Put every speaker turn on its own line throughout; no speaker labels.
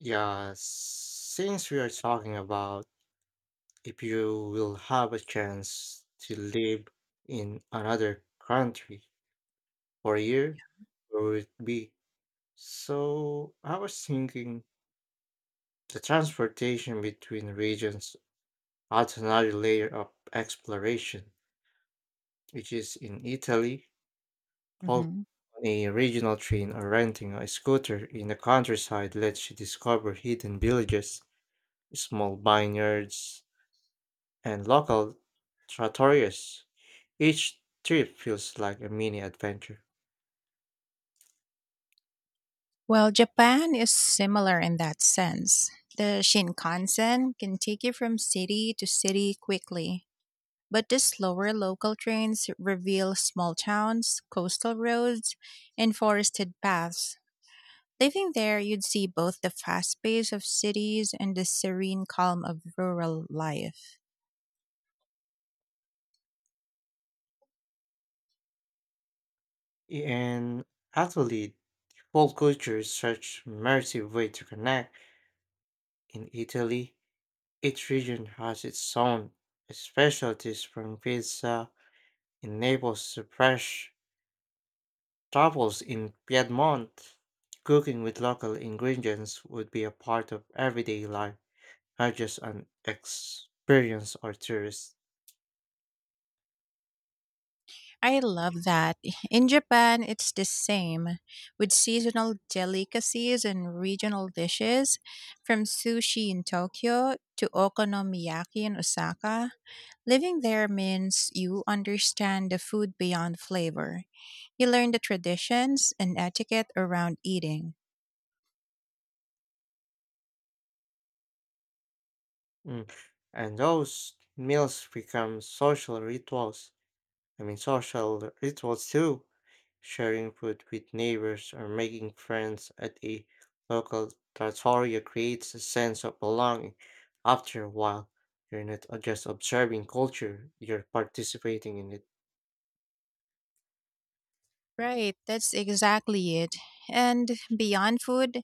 Yeah, since we are talking about if you will have a chance to live in another country for a year, where would it be? So I was thinking the transportation between regions adds another layer of exploration, which is in Italy, hopping
Mhm.
on a regional train or renting a scooter in the countryside lets you discover hidden villages, small vineyards, and local trattorias. Each trip feels like a mini adventure.
Well, Japan is similar in that sense. The Shinkansen can take you from city to city quickly, but the slower local trains reveal small towns, coastal roads, and forested paths. Living there, you'd see both the fast pace of cities and the serene calm of rural life.
And actually, whole culture is such immersive way to connect. In Italy, each region has its own specialties from pizza in Naples to fresh truffles in Piedmont. Cooking with local ingredients would be a part of everyday life, not just an experience or tourist.
I love that. In Japan, it's the same with seasonal delicacies and regional dishes from sushi in Tokyo to okonomiyaki in Osaka. Living there means you understand the food beyond flavor. You learn the traditions and etiquette around eating.
Mm. And those meals become social rituals. I mean, social rituals too. Sharing food with neighbors or making friends at a local trattoria creates a sense of belonging. After a while, you're not just observing culture, you're participating in it.
Right, that's exactly it. And beyond food,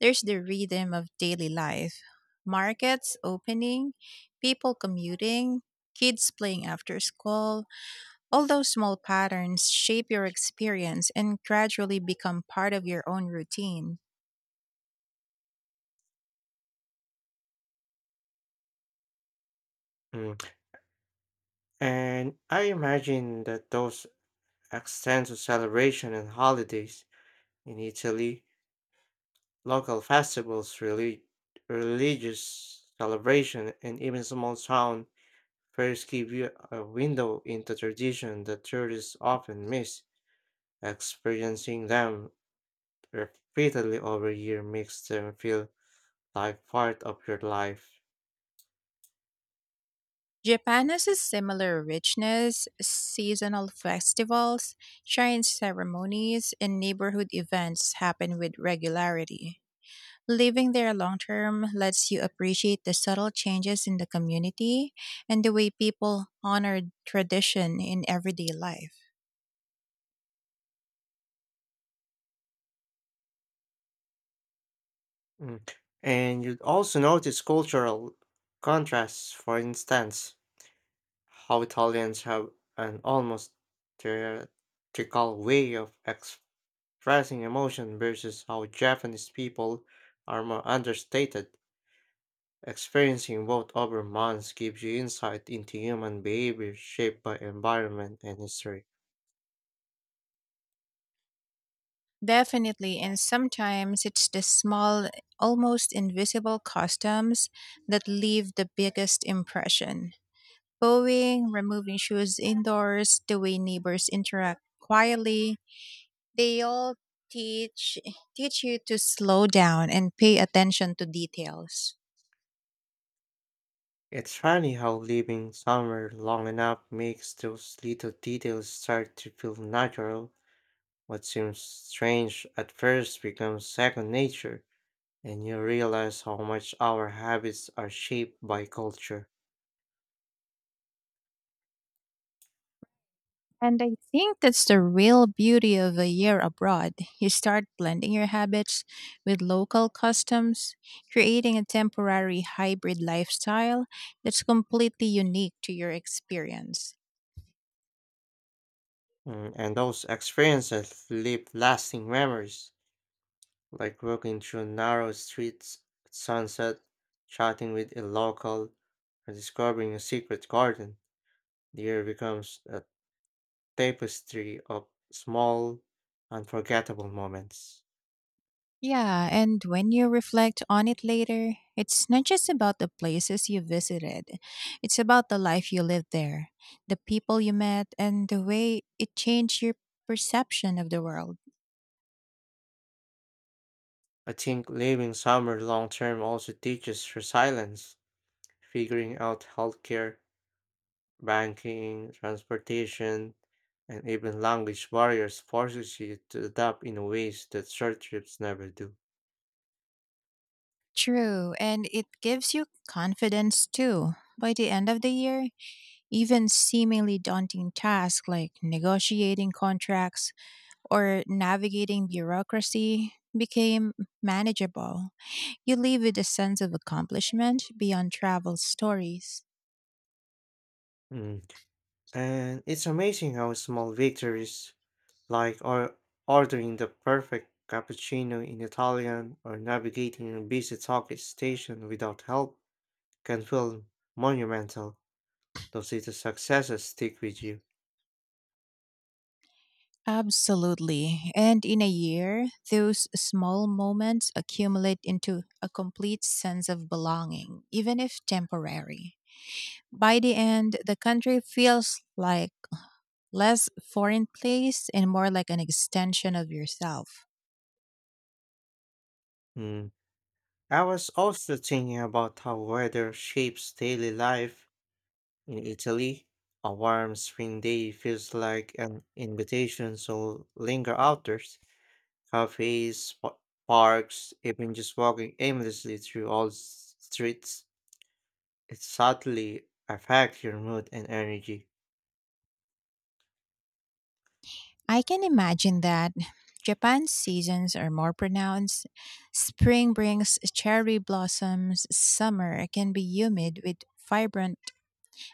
there's the rhythm of daily life markets opening, people commuting, kids playing after school. All those small patterns shape your experience and gradually become part of your own routine.
Mm. And I imagine that those extend to celebration and holidays in Italy. Local festivals, religious celebration, and even small town fairs give you a window into tradition that tourists often miss. Experiencing them repeatedly over a year makes them feel like part of your life.
Japan has a similar richness seasonal festivals, shrine ceremonies, and neighborhood events happen with regularity. Living there long term lets you appreciate the subtle changes in the community and the way people honor tradition in everyday life.
Mm. And you'd also notice cultural contrasts, for instance, how Italians have an almost theatrical way of rising emotion versus how Japanese people are more understated. Experiencing both over months gives you insight into human behavior shaped by environment and history.
Definitely, and sometimes it's the small, almost invisible customs that leave the biggest impression. Bowing, removing shoes indoors, the way neighbors interact quietly, they all teach teach you to slow down and pay attention to details.
It's funny how living somewhere long enough makes those little details start to feel natural. What seems strange at first becomes second nature, and you realize how much our habits are shaped by culture.
And I think that's the real beauty of a year abroad. You start blending your habits with local customs, creating a temporary hybrid lifestyle that's completely unique to your experience.
Mm, and those experiences leave lasting memories, like walking through narrow streets at sunset, chatting with a local, or discovering a secret garden. The year becomes a tapestry of small, unforgettable moments.
Yeah, and when you reflect on it later, it's not just about the places you visited, it's about the life you lived there, the people you met, and the way it changed your perception of the world.
I think living summer long term also teaches resilience, figuring out healthcare, banking, transportation, and even language barriers forces you to adapt in ways that short trips never do.
True, and it gives you confidence too. By the end of the year, even seemingly daunting tasks like negotiating contracts or navigating bureaucracy became manageable. You leave with a sense of accomplishment beyond travel stories.
Mm. And it's amazing how small victories, like or ordering the perfect cappuccino in Italian or navigating a busy Tokyo station without help, can feel monumental. Those little successes stick with you.
Absolutely. And in a year, those small moments accumulate into a complete sense of belonging, even if temporary. By the end, the country feels like less foreign place and more like an extension of yourself.
Mm. I was also thinking about how weather shapes daily life in Italy. A warm spring day feels like an invitation to linger outdoors, cafes, parks, even just walking aimlessly through streets, it subtly affects your mood and energy.
I can imagine that Japan's seasons are more pronounced. Spring brings cherry blossoms, summer can be humid with vibrant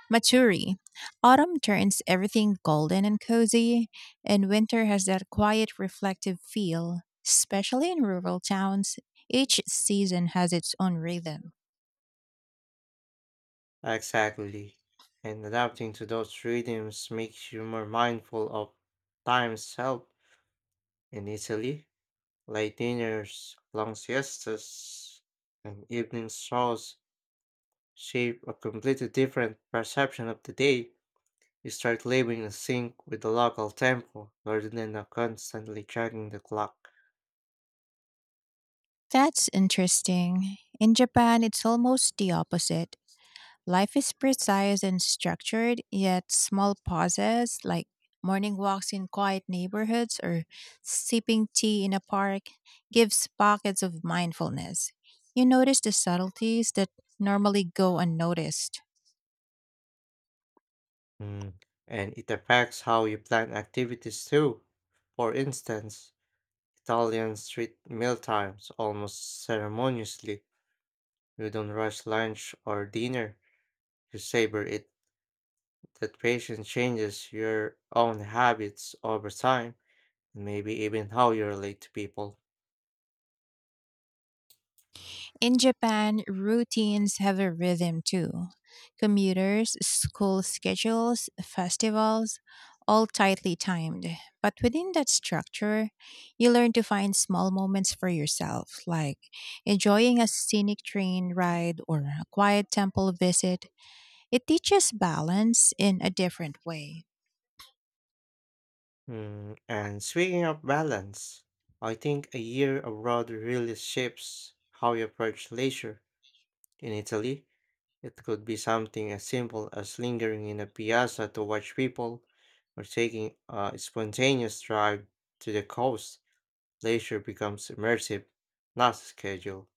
matsuri. Autumn turns everything golden and cozy, and winter has that quiet, reflective feel. Especially in rural towns, each season has its own rhythm.
Exactly. And adapting to those rhythms makes you more mindful of time's help in Italy. Late dinners, long siestas, and evening strolls shape a completely different perception of the day. You start living in sync with the local tempo rather than constantly checking the clock.
That's interesting. In Japan, it's almost the opposite. Life is precise and structured, yet small pauses like morning walks in quiet neighborhoods or sipping tea in a park gives pockets of mindfulness. You notice the subtleties that normally go unnoticed.
Mm, and it affects how you plan activities too. For instance, Italians treat mealtimes almost ceremoniously. You don't rush lunch or dinner, you savor it. That patience changes your own habits over time, and maybe even how you relate to people.
In Japan, routines have a rhythm too. Commuters, school schedules, festivals, all tightly timed. But within that structure, you learn to find small moments for yourself, like enjoying a scenic train ride or a quiet temple visit. It teaches balance in a different way.
Mm, and speaking of balance, I think a year abroad really shapes how you approach leisure. In Italy, it could be something as simple as lingering in a piazza to watch people or taking a spontaneous drive to the coast. Leisure becomes immersive, not scheduled.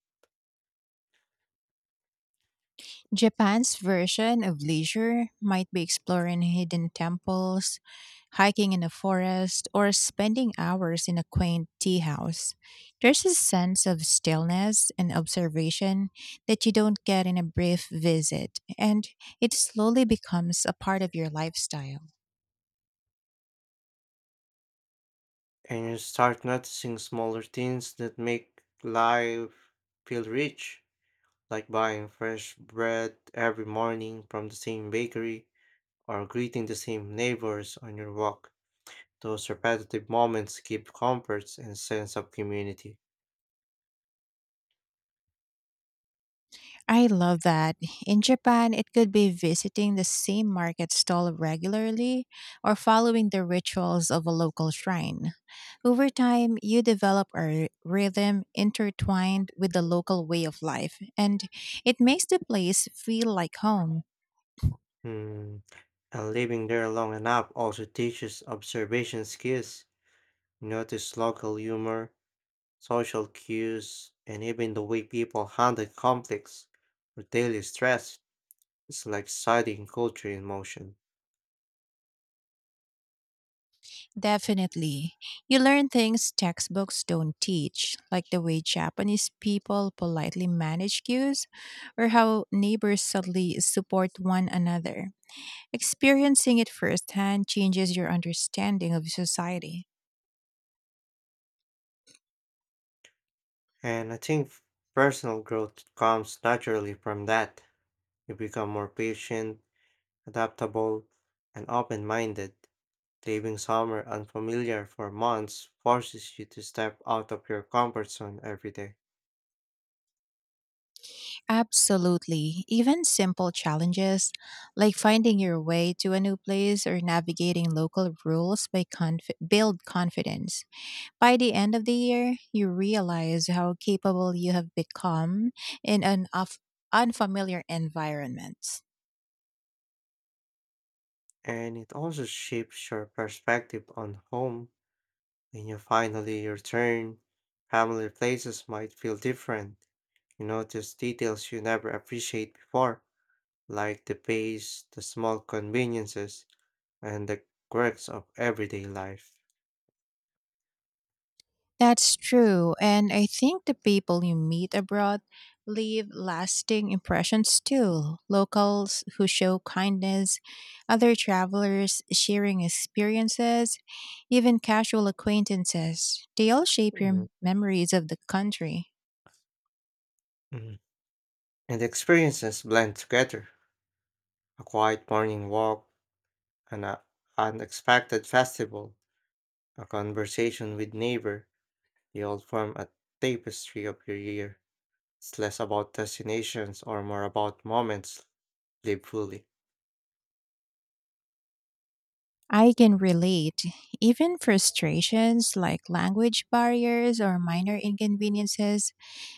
Japan's version of leisure might be exploring hidden temples, hiking in a forest, or spending hours in a quaint tea house. There's a sense of stillness and observation that you don't get in a brief visit, and it slowly becomes a part of your lifestyle.
And you start noticing smaller things that make life feel rich, like buying fresh bread every morning from the same bakery or greeting the same neighbors on your walk. Those repetitive moments give comforts and sense of community.
I love that. In Japan, it could be visiting the same market stall regularly or following the rituals of a local shrine. Over time, you develop a rhythm intertwined with the local way of life, and it makes the place feel like home.
Hmm. And living there long enough also teaches observation skills. You notice local humor, social cues, and even the way people handle conflicts or daily stress. It's like studying culture in motion.
Definitely. You learn things textbooks don't teach, like the way Japanese people politely manage queues or how neighbors subtly support one another. Experiencing it firsthand changes your understanding of society.
And I think personal growth comes naturally from that. You become more patient, adaptable, and open minded. Living somewhere unfamiliar for months forces you to step out of your comfort zone every day.
Absolutely. Even simple challenges like finding your way to a new place or navigating local rules build confidence. By the end of the year, you realize how capable you have become in an of unfamiliar environment.
And it also shifts your perspective on home. When you finally return, family places might feel different. You notice details you never appreciate before, like the pace, the small conveniences, and the quirks of everyday life.
That's true. And I think the people you meet abroad leave lasting impressions too. Locals who show kindness, other travelers sharing experiences, even casual acquaintances. They all shape
Mm.
your memories of the country.
Mm. And the experiences blend together. A quiet morning walk, an unexpected festival, a conversation with neighbor, they all form a tapestry of your year. It's less about destinations or more about moments lived fully.
I can relate. Even frustrations like language barriers or minor inconveniences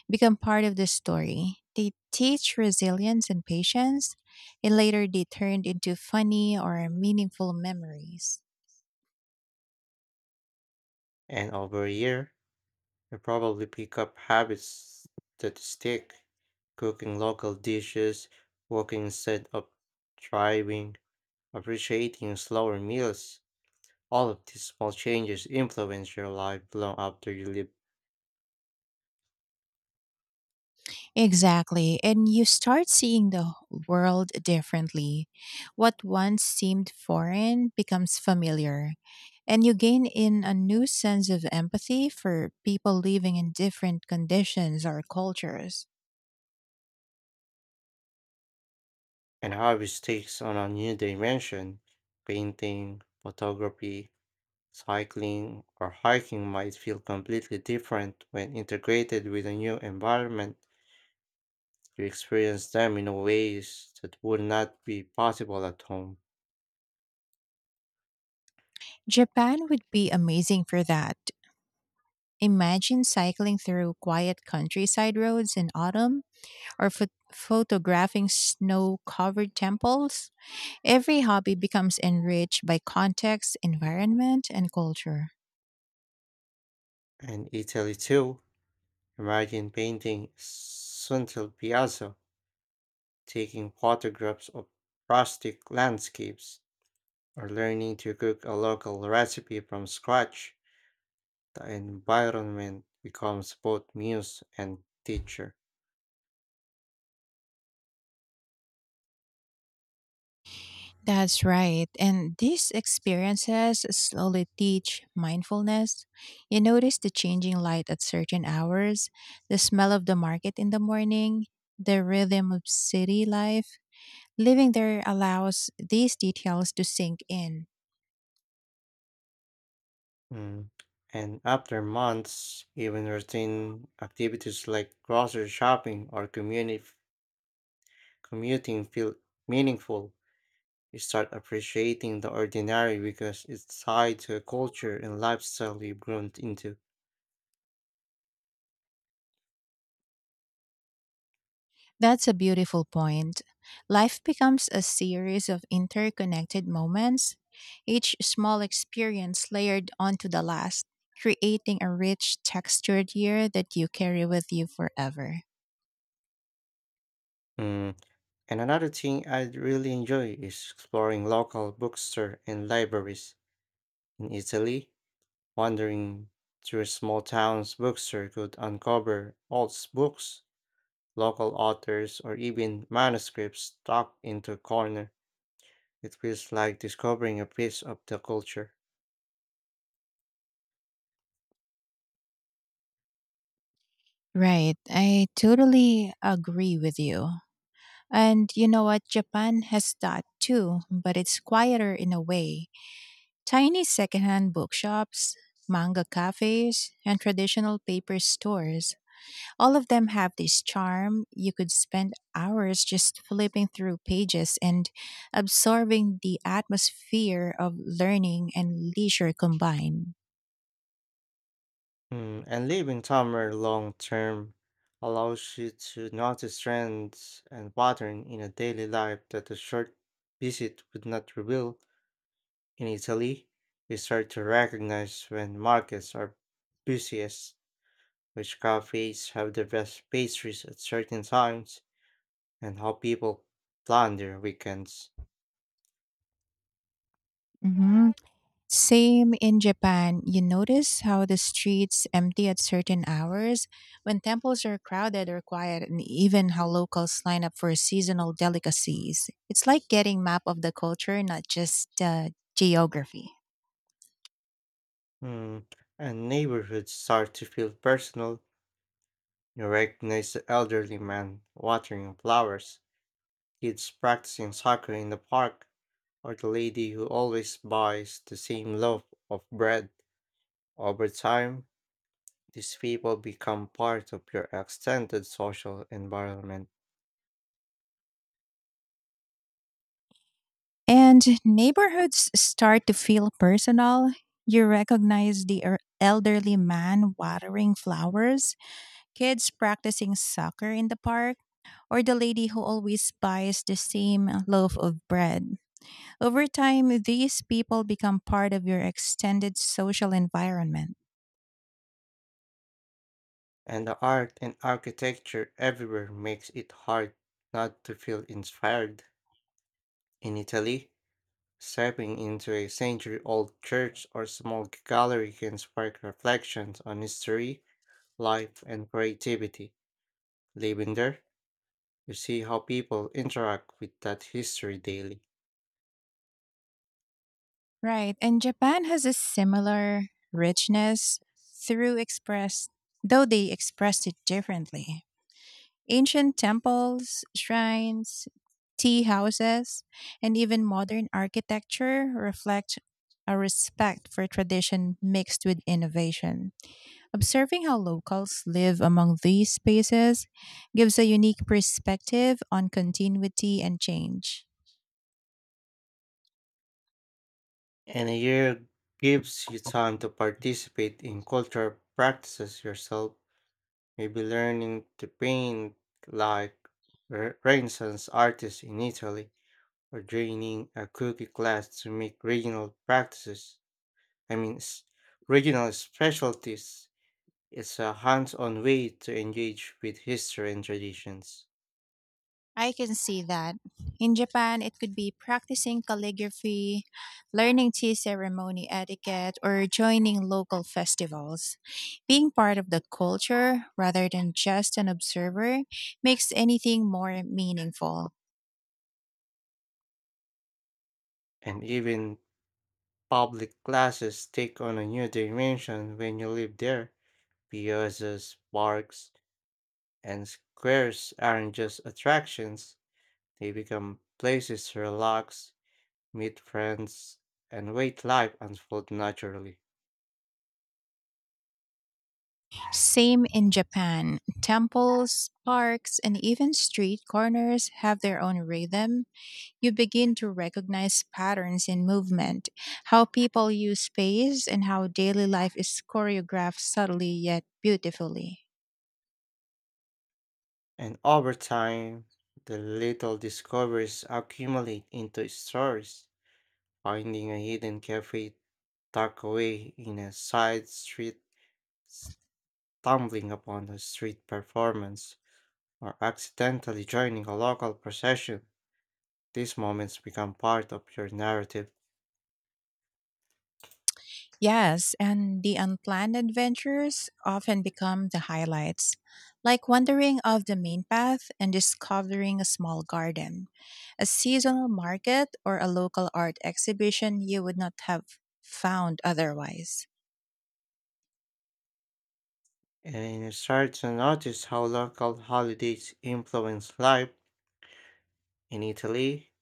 become part of the story. They teach resilience and patience, and later they turned into funny or meaningful memories.
And over a year, you probably pick up habits that stick, cooking local dishes, walking instead of driving, appreciating slower meals. All of these small changes influence your life long after you leave,
Exactly. And you start seeing the world differently. What once seemed foreign becomes familiar. And you gain in a new sense of empathy for people living in different conditions or cultures.
and hobbies takes on a new dimension. Painting, photography, cycling or hiking might feel completely different when integrated with a new environment. You experience them in ways that would not be possible at home.
Japan would be amazing for that. Imagine cycling through quiet countryside roads in autumn or photographing snow covered temples, every hobby becomes enriched by context, environment, and culture.
And Italy too. Imagine painting Suntel Piazza, taking photographs of rustic landscapes, or learning to cook a local recipe from scratch. The environment becomes both muse and teacher.
That's right. And these experiences slowly teach mindfulness. You notice the changing light at certain hours, the smell of the market in the morning, the rhythm of city life. Living there allows these details to sink in.
Mm. And after months, even routine activities like grocery shopping or community commuting feel meaningful. You start appreciating the ordinary because it's tied to a culture and lifestyle you've grown into.
That's a beautiful point. Life becomes a series of interconnected moments, each small experience layered onto the last, creating a rich, textured year that you carry with you forever.
Mm. And another thing I really enjoy is exploring local bookstore and libraries. In Italy, wandering through small towns bookstore could uncover old books, local authors, or even manuscripts tucked into a corner. It feels like discovering a piece of the culture.
Right, I totally agree with you. And you know what? Japan has that too, but it's quieter in a way. Tiny secondhand bookshops, manga cafes, and traditional paper stores. All of them have this charm. You could spend hours just flipping through pages and absorbing the atmosphere of learning and leisure combined.
Mm, and living somewhere long term allows you to notice trends and patterns in a daily life that a short visit would not reveal. In Italy, we start to recognize when markets are busiest, which cafes have the best pastries at certain times, and how people plan their weekends.
Hmm. Same in Japan. You notice how the streets empty at certain hours when temples are crowded or quiet, and even how locals line up for seasonal delicacies. It's like getting map of the culture, not just geography.
Hmm, and neighborhoods start to feel personal. You recognize the elderly man watering flowers, kids practicing soccer in the park, or the lady who always buys the same loaf of bread. Over time, these people become part of your extended social environment,
And neighborhoods start to feel personal. You recognize the elderly man watering flowers, kids practicing soccer in the park, or the lady who always buys the same loaf of bread. Over time, these people become part of your extended social environment.
and the art and architecture everywhere makes it hard not to feel inspired. In Italy, stepping into a century old church or small gallery can spark reflections on history, life, and creativity. Living there, you see how people interact with that history daily.
Right. And Japan has a similar richness through express, though they expressed it differently. Ancient temples, shrines, tea houses, and even modern architecture reflect a respect for tradition mixed with innovation. Observing how locals live among these spaces gives a unique perspective on continuity and change.
And a year gives you time to participate in cultural practices yourself, maybe learning to paint like Renaissance artists in Italy, or joining a cooking class to make regional practices. I mean, regional specialties is a hands on way to engage with history and traditions.
I can see that. In Japan, it could be practicing calligraphy, learning tea ceremony etiquette, or joining local festivals. Being part of the culture rather than just an observer makes anything more meaningful.
And even public classes take on a new dimension when you live there. Piazzas, parks, and squares aren't just attractions, they become places to relax, meet friends, and wait life unfold naturally.
Same in Japan. Temples, parks, and even street corners have their own rhythm. You begin to recognize patterns in movement, how people use space, and how daily life is choreographed subtly yet beautifully.
And over time, the little discoveries accumulate into stories, finding a hidden cafe tucked away in a side street, stumbling upon a street performance, or accidentally joining a local procession, these moments become part of your narrative,
Yes, and the unplanned adventures often become the highlights, like wandering off the main path and discovering a small garden, a seasonal market, or a local art exhibition you would not have found otherwise.
and you start to notice how local holidays influence life in Italy,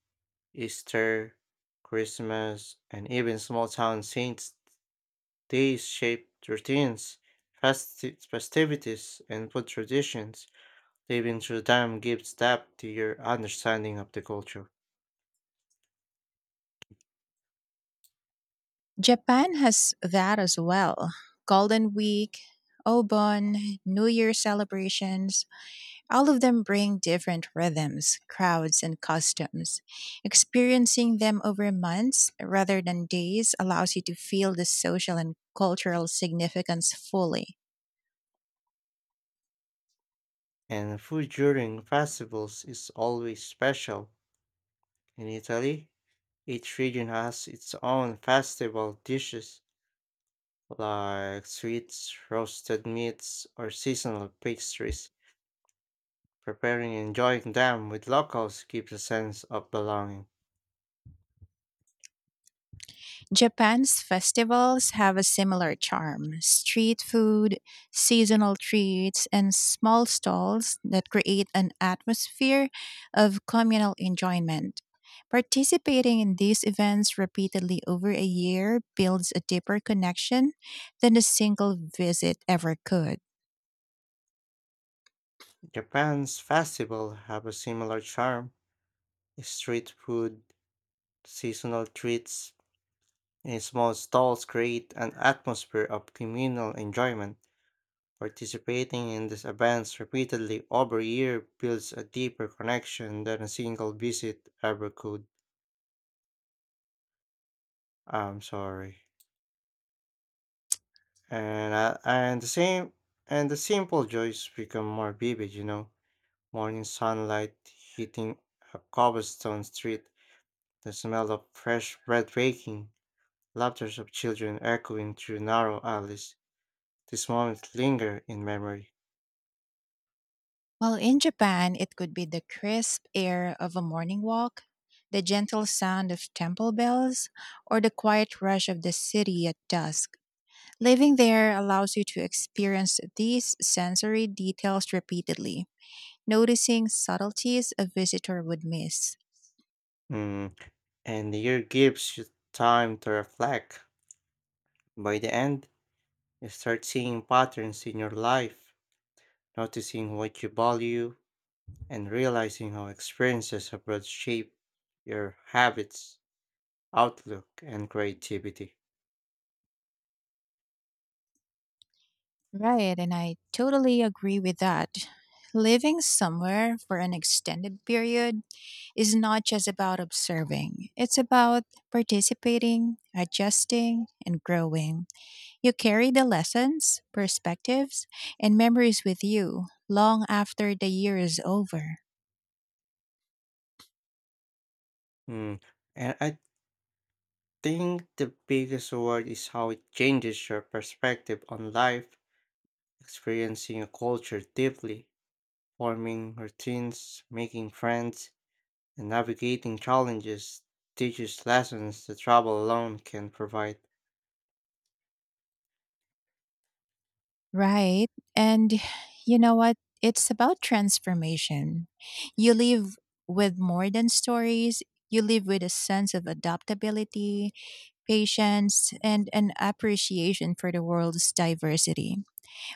Easter, Christmas, and even small town saints' days shape routines, festivities, and food traditions. Living through time gives depth to your understanding of the culture.
Japan has that as well. Golden Week, Obon, New Year celebrations, all of them bring different rhythms, crowds, and customs. Experiencing them over months rather than days allows you to feel the social and cultural significance fully.
And food during festivals is always special. In Italy, each region has its own festival dishes, like sweets, roasted meats, or seasonal pastries. Preparing and enjoying them with locals gives a sense of belonging.
Japan's festivals have a similar charm street food, seasonal treats, and small stalls that create an atmosphere of communal enjoyment. Participating in these events repeatedly over a year builds a deeper connection than a single visit ever could.
Japan's festivals have a similar charm. Street food, seasonal treats, and small stalls create an atmosphere of communal enjoyment. Participating in these events repeatedly over a year builds a deeper connection than a single visit ever could. I'm sorry. And I, and the same and the simple joys become more vivid, you know. Morning sunlight hitting a cobblestone street, the smell of fresh bread baking, laughters of children echoing through narrow alleys. These moments linger in memory.
While in Japan, it could be the crisp air of a morning walk, the gentle sound of temple bells, or the quiet rush of the city at dusk. Living there allows you to experience these sensory details repeatedly, noticing subtleties a visitor would miss.
Mm. And the year gives you time to reflect. By the end, you start seeing patterns in your life, noticing what you value, and realizing how experiences abroad shape your habits, outlook, and creativity.
Right, and I totally agree with that. Living somewhere for an extended period is not just about observing, it's about participating, adjusting, and growing. You carry the lessons, perspectives, and memories with you long after the year is over.
Mm. And I think the biggest word is how it changes your perspective on life, experiencing a culture deeply, forming routines, making friends, and navigating challenges teaches lessons that travel alone can provide.
Right. And you know what? It's about transformation. You live with more than stories, you live with a sense of adaptability, patience, and an appreciation for the world's diversity,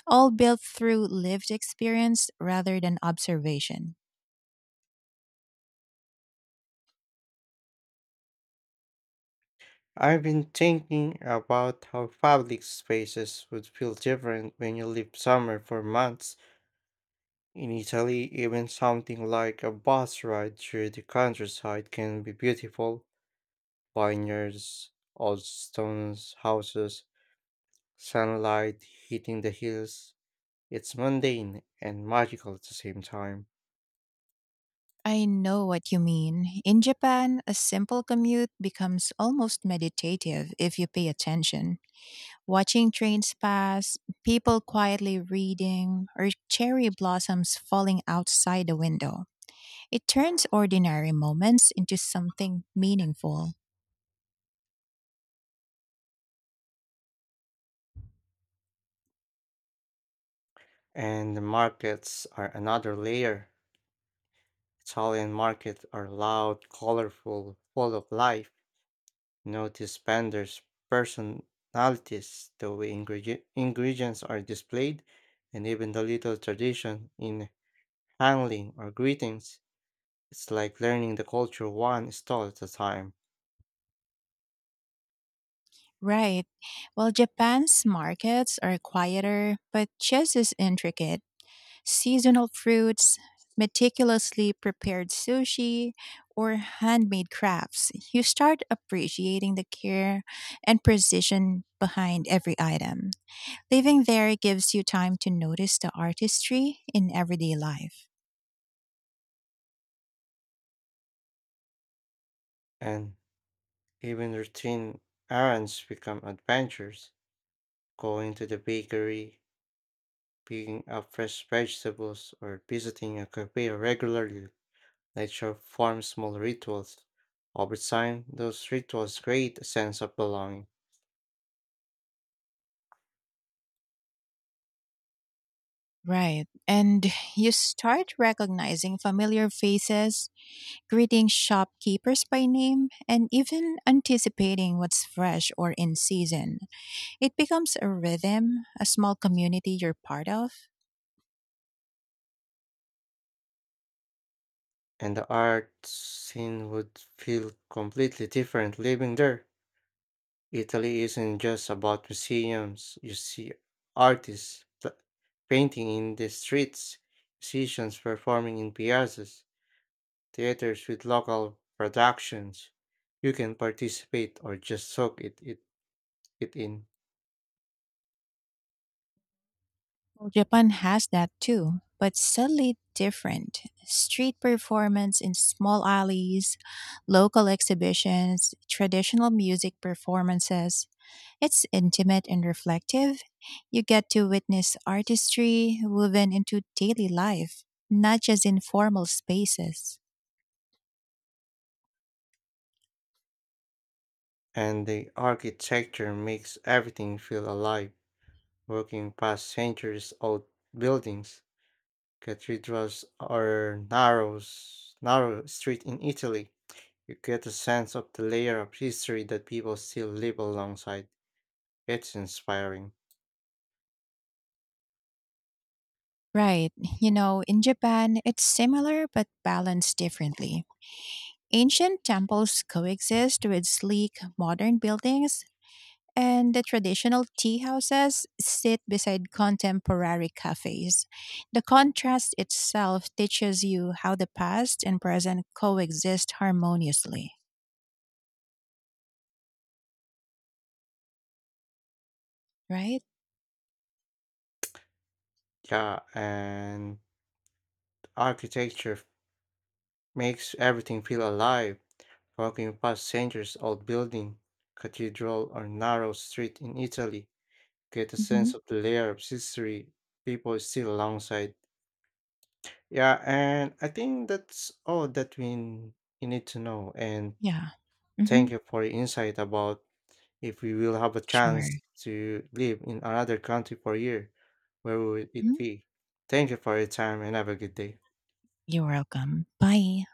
all built through lived experience rather than observation.
I've been thinking about how public spaces would feel different when you live somewhere for months. In Italy, even something like a bus ride through the countryside can be beautiful. Vineyards, old stone houses, sunlight hitting the hills. It's mundane and magical at the same time.
I know what you mean. In Japan, a simple commute becomes almost meditative if you pay attention. Watching trains pass, people quietly reading, or cherry blossoms falling outside the window. It turns ordinary moments into something meaningful.
And the markets are another layer. Italian markets are loud, colorful, full of life. Notice vendors' personalities, the way ingredients are displayed, and even the little tradition in handling or greetings. It's like learning the culture one stall at a time.
Right. Well, Japan's markets are quieter, but just as intricate. Seasonal fruits, meticulously prepared sushi, or handmade crafts. You start appreciating the care and precision behind every item. Living there gives you time to notice the artistry in everyday life.
And even routine errands become adventures. Going to the bakery, picking up fresh vegetables, or visiting a cafe regularly, nature forms small rituals. Over time, those rituals create a sense of belonging,
Right. And you start recognizing familiar faces, greeting shopkeepers by name, and even anticipating what's fresh or in season. It becomes a rhythm, a small community you're part of.
and the art scene would feel completely different living there. Italy isn't just about museums. You see artists painting in the streets, musicians performing in piazzas, theaters with local productions. You can participate or just soak it in,
Well, Japan has that too, but subtly different. Street performance in small alleys, local exhibitions, traditional music performances, it's intimate and reflective. You get to witness artistry woven into daily life, not just in formal spaces.
and the architecture makes everything feel alive. Walking past centuries old buildings, cathedrals, or narrow street in Italy, you get a sense of the layer of history that people still live alongside. It's inspiring.
Right. You know, in Japan, it's similar but balanced differently. Ancient temples coexist with sleek modern buildings, and the traditional tea houses sit beside contemporary cafes. The contrast itself teaches you how the past and present coexist harmoniously, right?
Yeah, and architecture makes everything feel alive. Walking past centuries old building, cathedral, or narrow street in Italy, get a
Mhm.
sense of the layer of history people still alongside. Yeah, and I think that's all that you need to know. And
Yeah.
thank
Mhm.
you for your insight about if we will have a
Sure.
chance to live in another country for a year, where would
Mhm.
it be? Thank you for your time and have a good day.
You're welcome. Bye.